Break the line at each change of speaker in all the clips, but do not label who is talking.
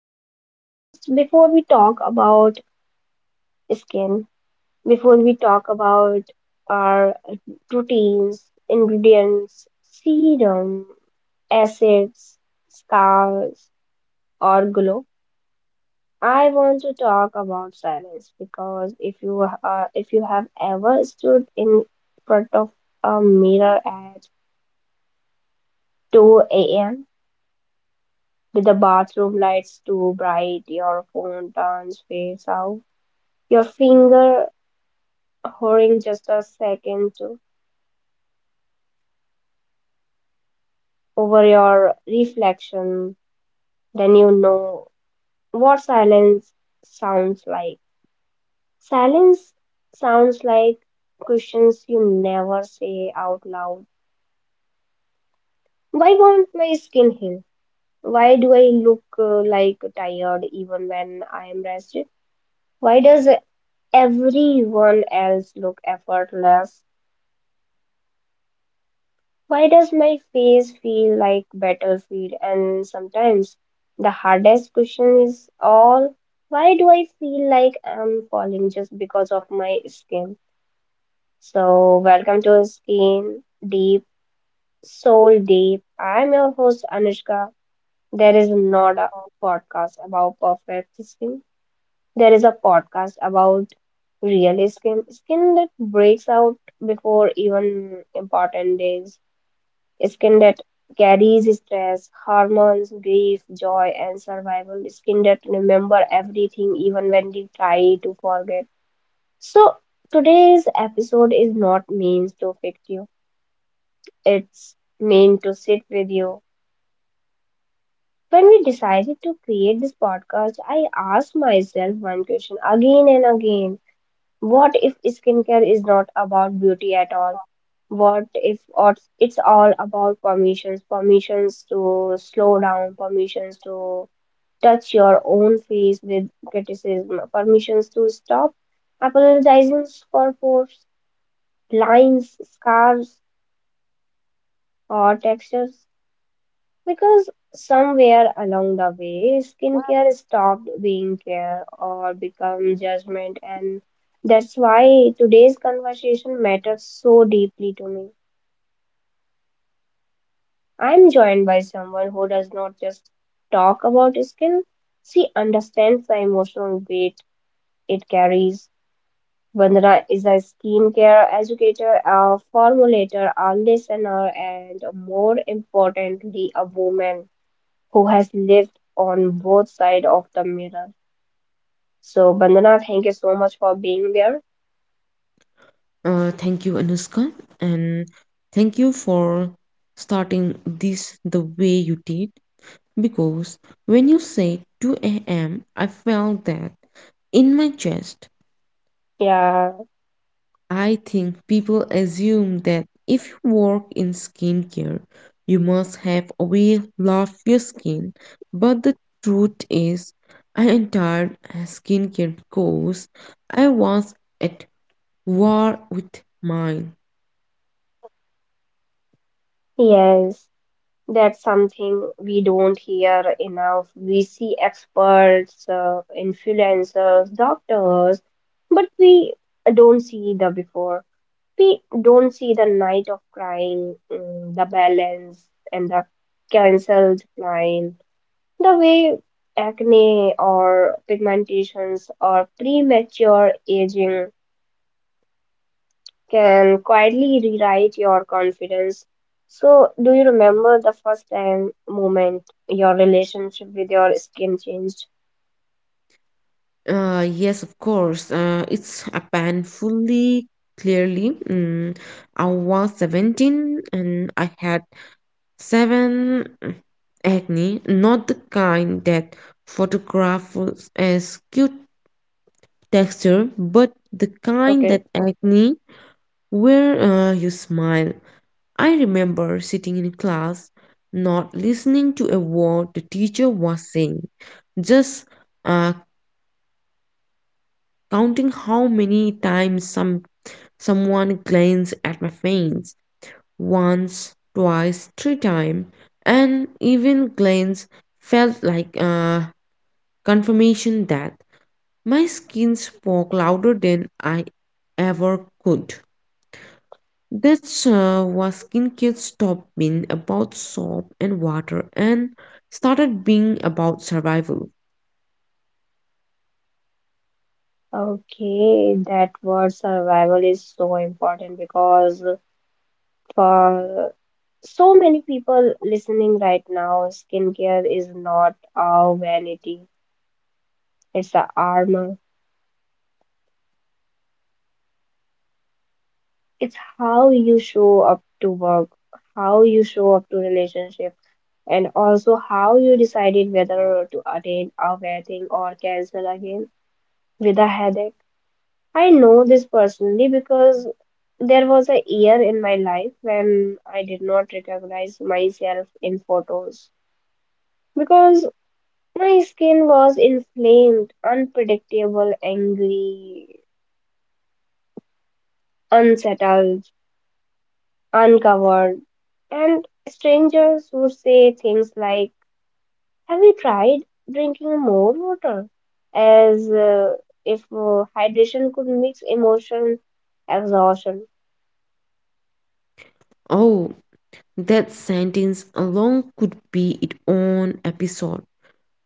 to my podcast. Before we talk about skin, before we talk about our proteins, ingredients, serum, acids, scars, or glow, I want to talk about silence because if you have ever stood in front of a mirror at 2 a.m. with the bathroom lights too bright, your phone turns face out. Your finger hovering just a second over your reflection, then you know what silence sounds like. Silence sounds like questions you never say out loud. Why won't my skin heal? Why do I look like tired even when I am rested? Why does everyone else look effortless? Why does my face feel like battlefield? And sometimes the hardest question is all, why do I feel like I'm falling just because of my skin? So welcome to Skin Deep, Soul Deep. I'm your host Anushka. There is not a podcast about perfect skin. There is a podcast about real skin, skin that breaks out before even important days. Skin that carries stress, hormones, grief, joy, and survival. Skin that remember everything even when we try to forget. So today's episode is not meant to fix you. It's meant to sit with you. When we decided to create this podcast, I asked myself one question again and again. What if skincare is not about beauty at all? What if or- It's all about permissions, permissions to slow down, permissions to touch your own face with criticism, permissions to stop apologizing for faults, lines, scars, or textures? Because somewhere along the way, skincare stopped being care or become judgment, and that's why today's conversation matters so deeply to me. I'm joined by someone who does not just talk about skin, she understands the emotional weight it carries. Vandana is a skincare educator, a formulator, a listener, and more importantly, a woman who has lived on both sides of the mirror. So, Bandana, thank you so much for being there.
Thank you, Anushka, and thank you for starting this the way you did. Because when you said 2 a.m., I felt that in my chest.
Yeah,
I think people assume that if you work in skincare, you must have a way love your skin. But the truth is, I entered skincare because I was at war with mine.
yes, that's something we don't hear enough. We see experts, influencers, doctors, but we don't see the before. We don't see the night of crying, the balance, and the cancelled line. The way acne or pigmentations or premature aging can quietly rewrite your confidence. So, do you remember the first time moment your relationship with your skin changed?
Yes, of course. It's a painfully clearly. I was 17 and I had seven acne, not the kind that photographs as cute texture, but the kind
Okay.
that acne where you smile. I remember sitting in class, not listening to a word the teacher was saying, just uh, counting how many times Someone glanced at my face once, twice, three times, and even glance felt like confirmation that my skin spoke louder than I ever could. That's why skincare stopped being about soap and water and started being about survival.
Okay, that word survival is so important because for so many people listening right now, skincare is not a vanity, it's a armor. It's how you show up to work, how you show up to relationship, and also how you decided whether to attend a wedding or cancel again with a headache. I know this personally because there was a year in my life when I did not recognize myself in photos because my skin was inflamed, unpredictable, angry, unsettled, uncovered, and strangers would say things like, have you tried drinking more water? As if hydration could mix emotion, exhaustion.
Oh, that sentence alone could be its own episode.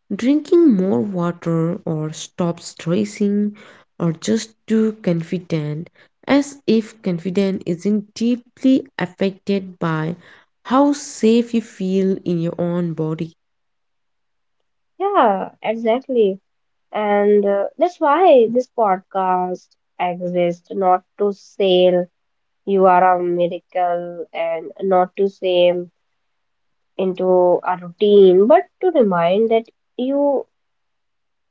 Drinking more water or stop stressing or just too confident, as if confidence isn't deeply affected by how safe you feel in your own body.
Yeah, exactly. And that's why this podcast exists not to sell you are a miracle and not to shame into a routine, but to remind that you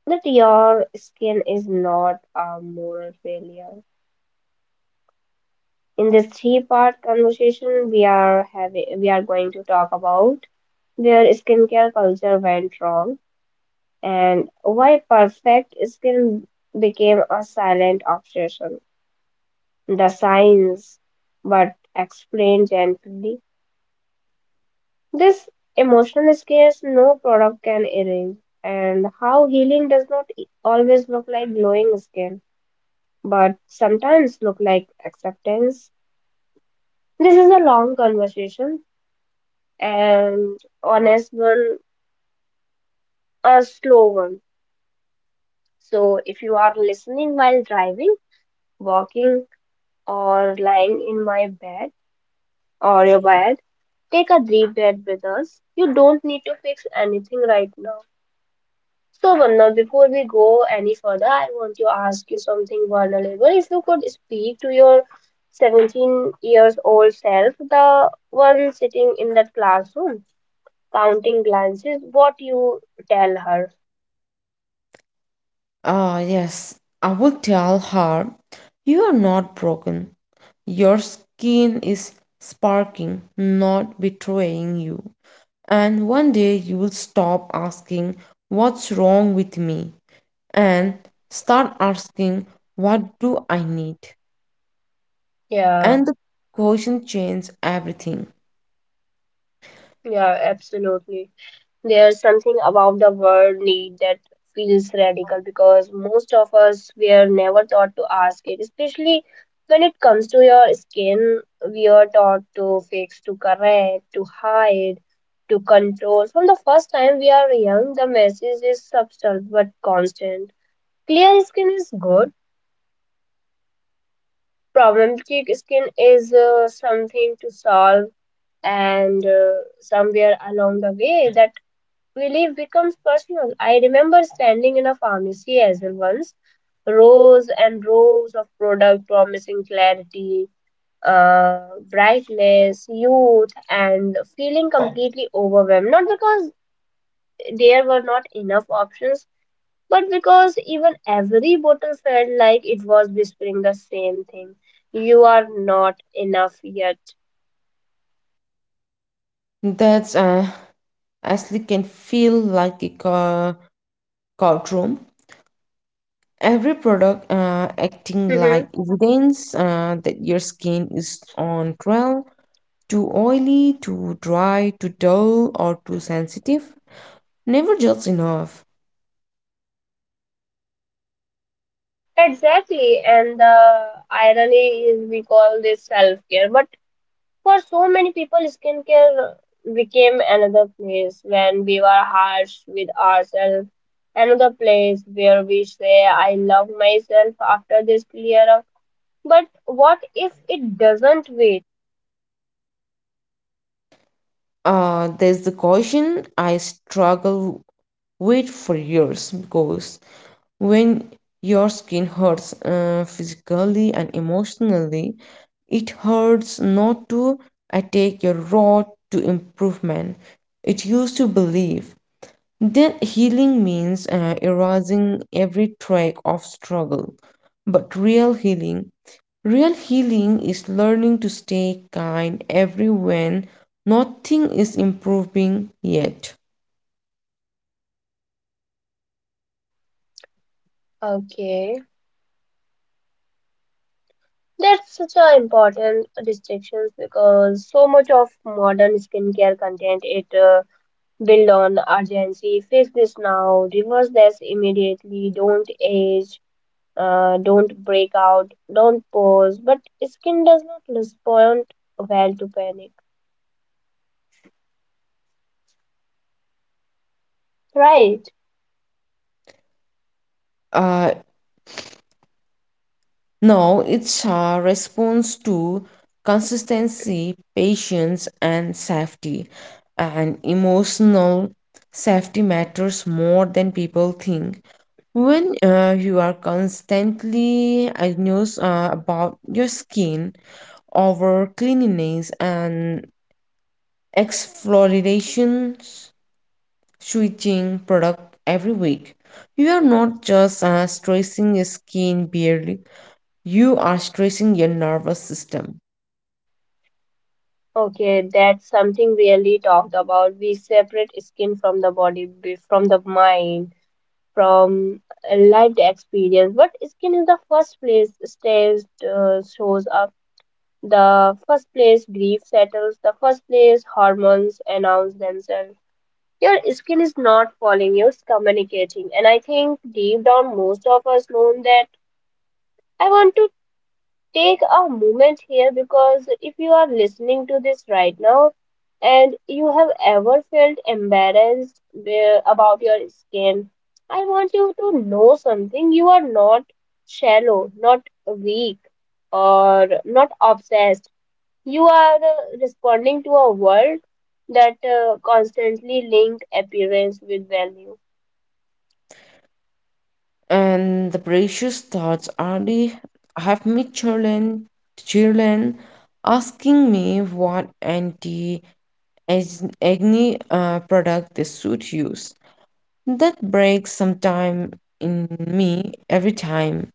that your skin is not a moral failure. In this three-part conversation, we are going to talk about where skincare culture went wrong and why perfect skin became a silent obsession. The science, but explained gently. This emotional scars no product can erase, and how healing does not always look like glowing skin, but sometimes look like acceptance. This is a long conversation and honest one, a slow one. So if you are listening while driving, walking, or lying in my bed or your bed, take a deep breath with us. You don't need to fix anything right now. So, Vanna, before we go any further, I want to ask you something vulnerable. If you could speak to your 17 years old self, the one sitting in that classroom, counting glances, what you tell her?
Ah, yes, I will tell her you are not broken. Your skin is sparking, not betraying you. And one day you will stop asking, "What's wrong with me?" and start asking, "What do I need?"
Yeah,
And the question changes everything.
yeah, absolutely. There's something about the word need that feels radical because most of us were never taught to ask it, especially when it comes to your skin. We are taught to fix, to correct, to hide, to control. From the first time we are young, the message is subtle but constant. Clear skin is good, problematic skin is something to solve, and somewhere along the way, that relief becomes personal. I remember standing in a pharmacy as well once, rows and rows of product promising clarity, brightness, youth, and feeling completely overwhelmed. Not because there were not enough options, but because even every bottle felt like it was whispering the same thing. You are not enough yet.
That's actually can feel like a courtroom. Every product acting
Mhm.
like evidence that your skin is on trial, too oily, too dry, too dull, or too sensitive. Never just enough.
Exactly, and the irony is we call this self care, but for so many people, skincare became another place when we were harsh with ourselves, another place where we say, I love myself after this clear up. But what if it doesn't wait?
There's the caution I struggle with for years because when your skin hurts physically and emotionally, it hurts not to attack your road to improvement. It used to believe that healing means erasing every track of struggle. But real healing is learning to stay kind every when nothing is improving yet.
Okay, that's such an important distinction because so much of modern skincare content it build on urgency, fix this now, reverse this immediately, don't age, don't break out, don't pause, but skin does not respond well to panic. Right.
Uh, No, it's a response to consistency, patience, and safety. And emotional safety matters more than people think. When you are constantly anxious about your skin, over cleanliness and exfoliation switching product every week. You are not just stressing your skin barely, you are stressing your nervous system,
Okay, that's something really talked about. We separate skin from the body, from the mind, from a lived experience. But skin is the first place stress shows up, the first place grief settles, the first place hormones announce themselves. Your skin is not falling, it's communicating. And I think deep down, most of us know that. I want to take a moment here because if you are listening to this right now and you have ever felt embarrassed about your skin, I want you to know something. You are not shallow, not weak, or not obsessed. You are responding to a world that constantly link appearance with value.
and the precious thoughts already have me children, children asking me what anti acne product they should use. That breaks some time in me every time.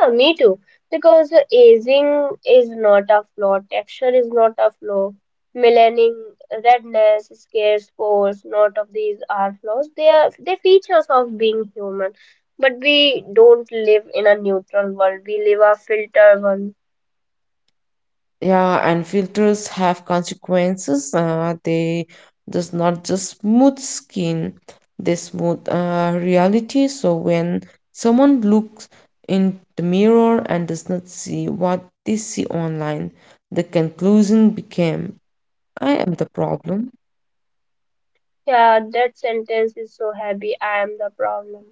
Yeah, me too. Because aging is not a flaw, texture is not a flaw, melanin, redness, scars, pores, not of these are flaws. They are they features of being human. But we don't live in a neutral world. We live a filter one.
Yeah, and filters have consequences, they does not just smooth skin, they smooth reality. So when someone looks in the mirror and does not see what they see online, the conclusion became, I am the problem.
Yeah, that sentence is so heavy. I am the problem.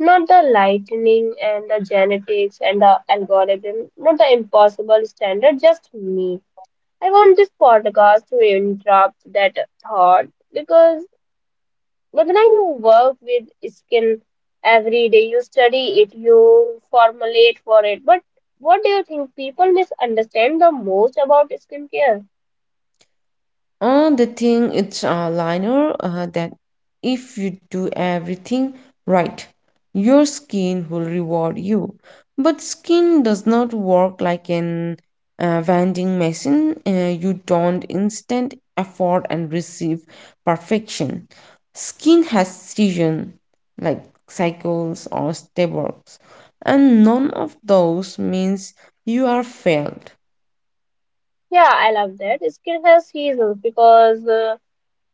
Not the lightning and the genetics and the algorithm, not the impossible standard, just me. I want this podcast to interrupt that thought because but Gaganai, you work with skin every day, you study it, you formulate for it. But what do you think people misunderstand the most about skincare?
The thing it's a liner that if you do everything right, your skin will reward you. But skin does not work like an vending machine. You don't instant effort and receive perfection. Skin has season like cycles or stables, and none of those means you are failed.
Yeah, I love that. Skin has seasons because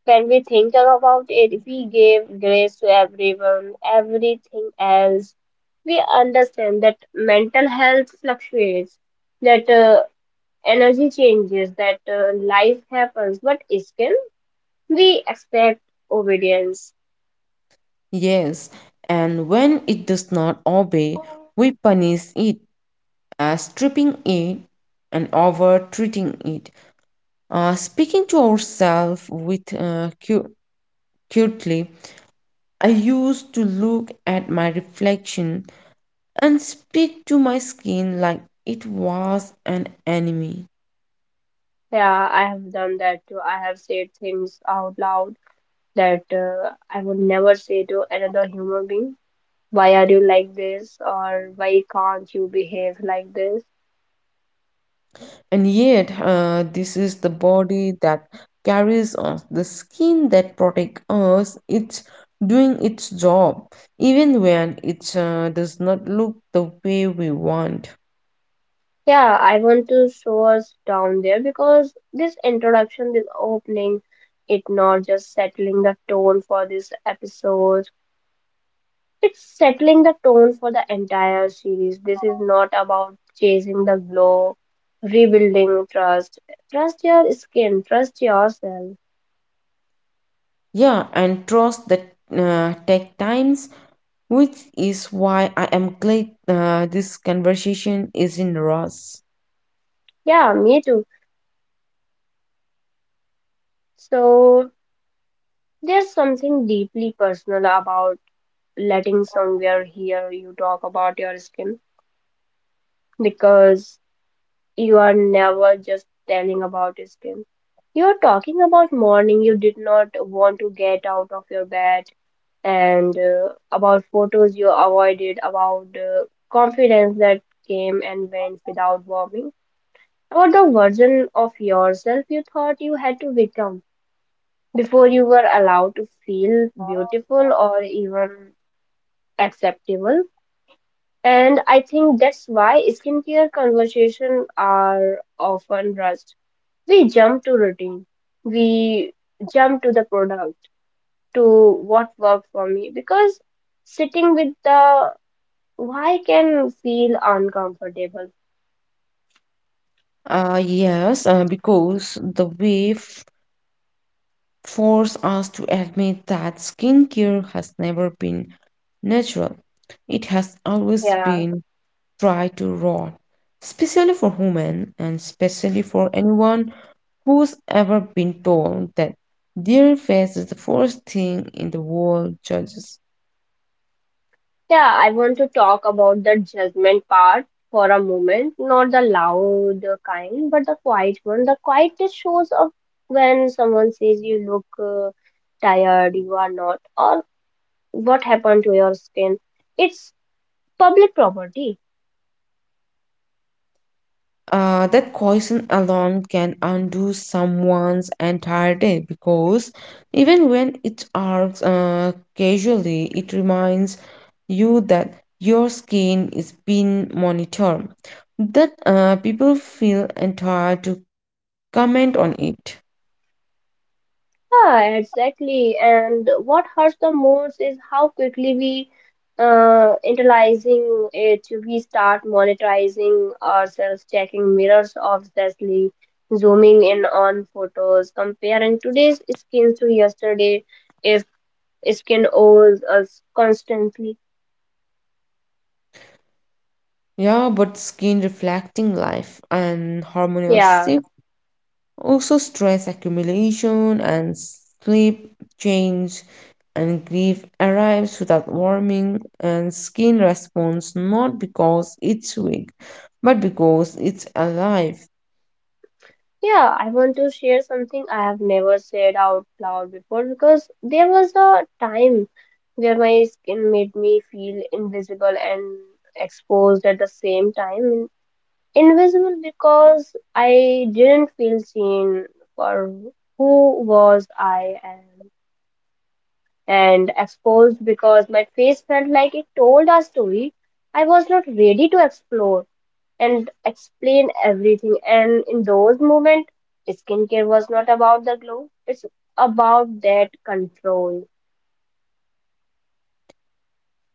when we think about it, we give grace to everyone, everything else. We understand that mental health fluctuates, that energy changes, that life happens, but still we expect obedience.
Yes, and when it does not obey, we punish it as stripping it and over treating it. Speaking to ourselves with cutely, I used to look at my reflection and speak to my skin like it was an enemy.
Yeah, I have done that too. I have said things out loud that I would never say to another human being. Why are you like this? Or why can't you behave like this?
And yet, this is the body that carries us, the skin that protects us. It's doing its job, even when it does not look the way we want.
Yeah, I want to show us down there because this introduction, this opening, it not just settling the tone for this episode. It's settling the tone for the entire series. This is not about chasing the glow, rebuilding trust. Trust your skin, trust yourself.
Yeah, and trust that take times, which is why I am glad this conversation is in Ross.
Yeah, me too. So there's something deeply personal about letting somewhere hear you talk about your skin because you are never just telling about your skin. You're talking about morning you did not want to get out of your bed and about photos you avoided, about confidence that came and went without warming, about the version of yourself you thought you had to become before you were allowed to feel beautiful or even acceptable. And I think that's why skincare conversations are often rushed. We jump to routine. We jump to the product, to what worked for me, because sitting with the why can feel uncomfortable?
Yes, because the way force us to admit that skincare has never been natural. It has always
Yeah.
been tried to rot, especially for women and especially for anyone who's ever been told that their face is the first thing in the world judges.
Yeah, I want to talk about the judgment part for a moment. Not the loud kind, but the quiet one. The quiet just shows up when someone says you look tired, you are not, or what happened to your skin. It's public property.
That question alone can undo someone's entire day because even when it arcs casually, it reminds you that your skin is being monitored, that people feel entitled to comment on it.
Yeah, exactly. And what hurts the most is how quickly we internalizing it. We start monetizing ourselves, checking mirrors obsessively, zooming in on photos, comparing today's skin to yesterday, if skin owes us constantly.
Yeah, but skin reflecting life and harmonious.
Yeah.
Also, stress accumulation and sleep change and grief arrives without warning, and skin responds not because it's weak, but because it's alive.
Yeah, I want to share something I have never said out loud before because there was a time where my skin made me feel invisible and exposed at the same time. Invisible because I didn't feel seen for who was I am, and exposed because my face felt like it told a story I was not ready to explore and explain everything. And in those moments, skincare was not about the glow, it's about that control.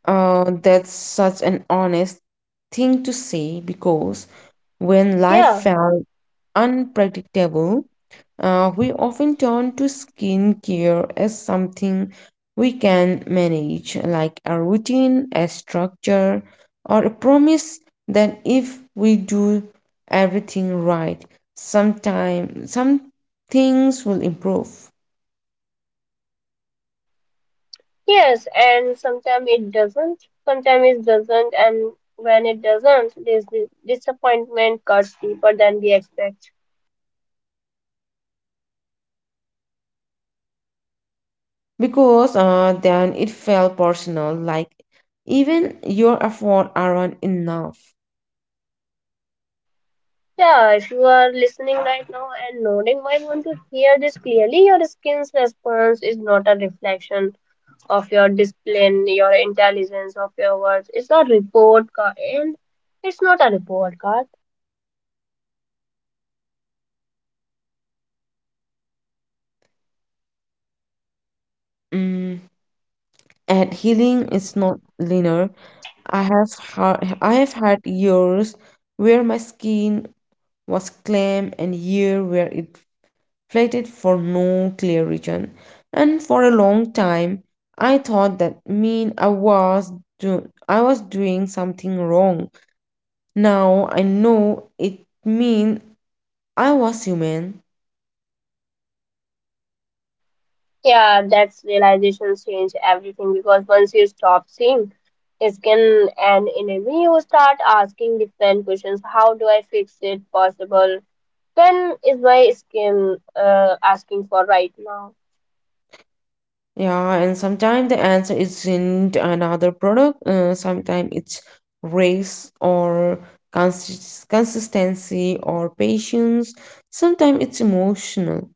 That's such an honest thing to say because when life
Yeah,
felt unpredictable, we often turn to skincare as something we can manage, like a routine, a structure, or a promise that if we do everything right, sometime some things will improve.
yes, and sometimes it doesn't, and when it doesn't, this disappointment cuts deeper than we expect.
Because then it felt personal, like even your effort aren't enough.
Yeah, if you are listening right now and nodding, I want to hear this clearly. Your skin's response is not a reflection of your discipline, your intelligence, of your words. It's a report card, and it's not a report card.
Mm, and healing is not linear. I have had years where my skin was clam and year where it flated for no clear reason. And for a long time I thought that mean I was I was doing something wrong. Now I know it mean I was human.
Yeah, that's realizations change everything because once you stop seeing his skin an enemy, you start asking different questions. How do I fix it possible? When is my skin asking for right now?
Yeah, and sometimes the answer isn't another product, sometimes it's race or consistency or patience, sometimes it's emotional.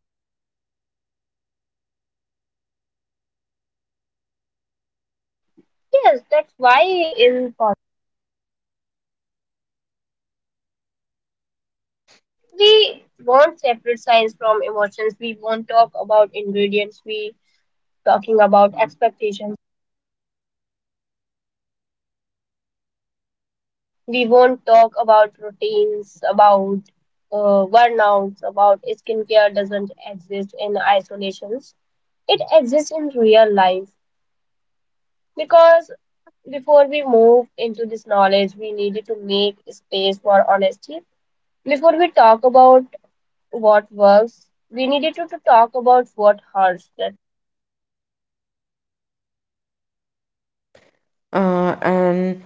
Yes, that's why in pol- we want separate science from emotions. We won't talk about ingredients. We talking about expectations. We won't talk about routines, about burnouts, about skincare doesn't exist in isolations. It exists in real life because before we move into this knowledge, we needed to make space for honesty. Before we talk about what works, we needed to talk about what hurts. That
And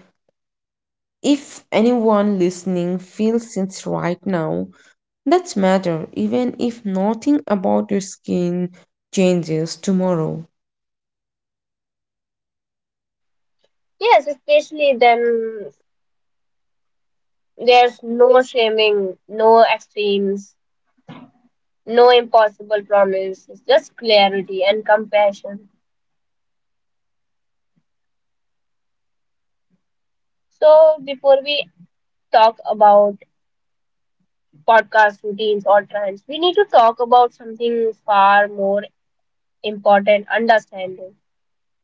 if anyone listening feels it right now, that's matter, even if nothing about your skin changes tomorrow.
yes, especially then there's no shaming, no extremes, no impossible promises, just clarity and compassion. So, before we talk about podcast routines or trends, we need to talk about something far more important understanding.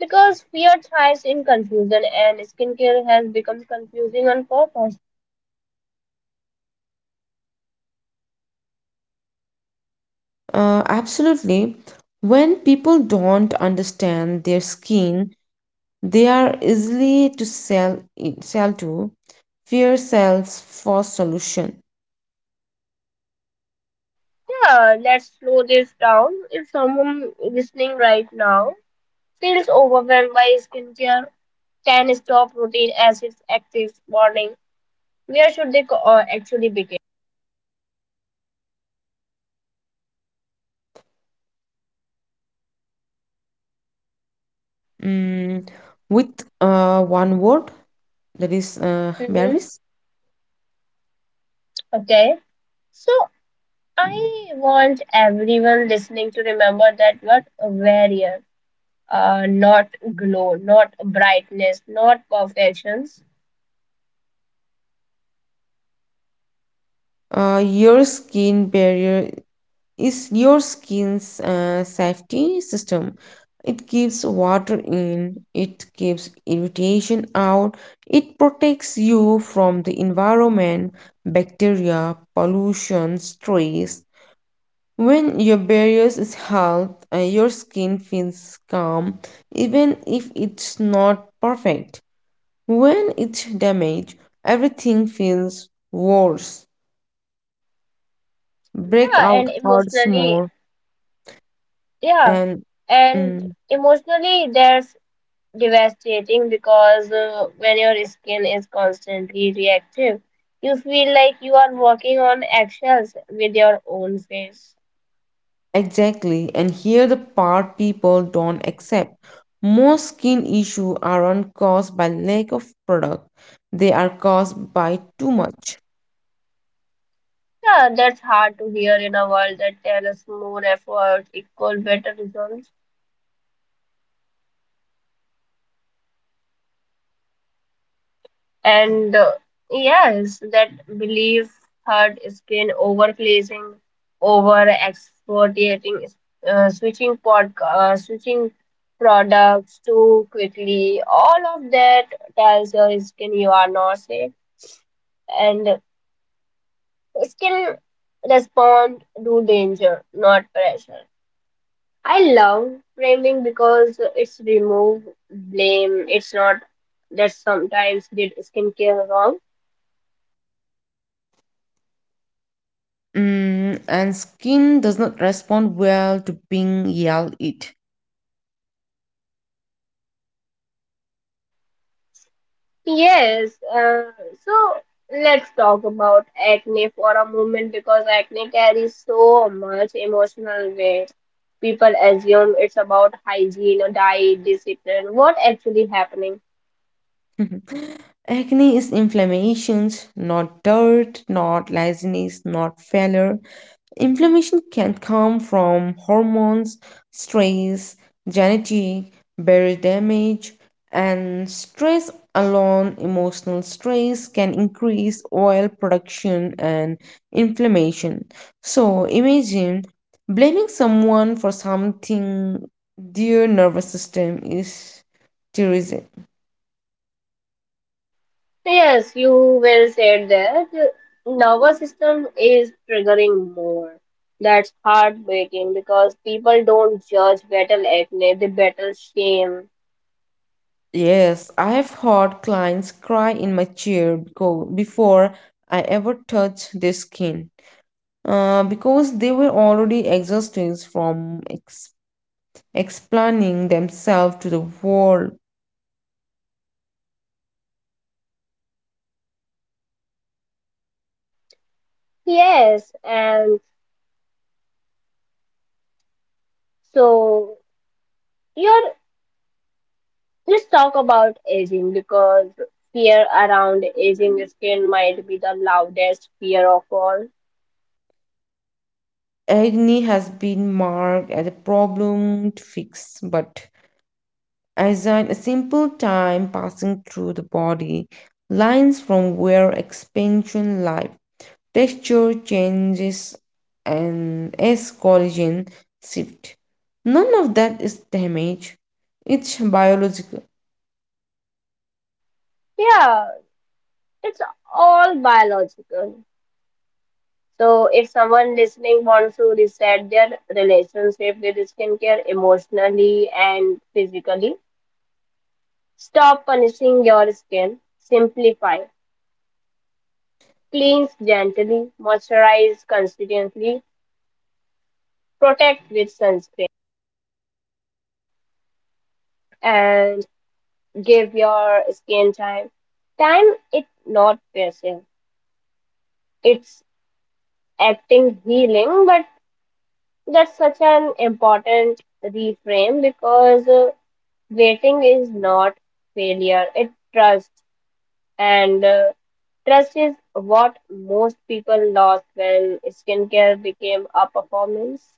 Because fear thrives in confusion, and skincare has become confusing on purpose.
Absolutely. When people don't understand their skin, they are easily to sell to. Fear sells for solution.
Yeah, let's slow this down. If someone listening right now feels overwhelmed by skincare, 10 stop routine as its active warning. Where should they actually begin?
Mm, with one word that is
Mm-hmm.
berries.
Okay. So I want everyone listening to remember that what a warrior, not glow, not brightness, not perfections.
Your skin barrier is your skin's safety system. It keeps water in, it keeps irritation out, it protects you from the environment, bacteria, pollution, stress. When your barriers is health, your skin feels calm, even if it's not perfect. When it's damaged, everything feels worse.
Yeah,
Breakout
and
hurts
emotionally,
more,
yeah,
and
and
mm,
emotionally, that's devastating because when your skin is constantly reactive, you feel like you are walking on eggshells with your own face.
exactly. And here the part people don't accept. Most skin issues aren't caused by lack of product; they are caused by too much.
Yeah, that's hard to hear in a world that tells us more effort equal better results. And yes, that belief hurt has been overglazing, over exfoliating, switching products too quickly. All of that tells your skin you are not safe and skin respond to danger, not pressure. I love framing because it's remove blame. It's not that sometimes did skincare wrong.
Mm, and skin does not respond well to being yelled at.
Yes. So let's talk about acne for a moment because acne carries so much emotional weight. People assume it's about hygiene or diet discipline. What actually happening?
Acne is inflammations, not dirt, not laziness, not failure. Inflammation can come from hormones, stress, genetic, buried damage, and stress alone. Emotional stress can increase oil production and inflammation. So imagine blaming someone for something their nervous system is terrorism.
Yes, you will say that the nervous system is triggering more. That's heartbreaking because people don't judge battle acne, they battle shame.
Yes, I have heard clients cry in my chair because before I ever touch their skin. Because they were already exhausted from explaining themselves to the world.
Yes, and so here let's talk about aging because fear around aging skin might be the loudest fear of all.
Agni has been marked as a problem to fix, but assign a simple time passing through the body, lines from where expansion lies, texture changes, and as collagen shift. None of that is damage. It's biological.
Yeah, it's all biological. So if someone listening wants to reset their relationship with skincare emotionally and physically, stop punishing your skin. Simplify. Cleanse gently, moisturize consistently, protect with sunscreen, and give your skin time. Time it's not passive. It's acting healing, but that's such an important reframe because Waiting is not failure, it's trust. And trust is what most people lost when skincare became a performance.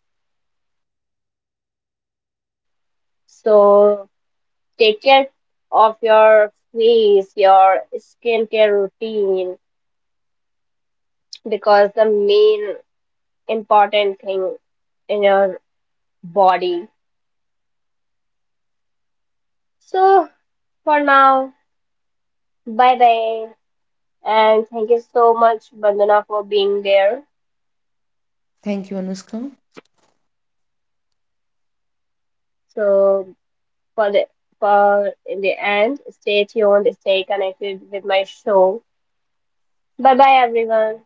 So take care of your face, your skincare routine, because the main important thing in your body. So for now, bye bye. And thank you so much, Bandana, for being there.
Thank you, Anushka.
So for the for in the end. Stay tuned, stay connected with my show. Bye bye everyone.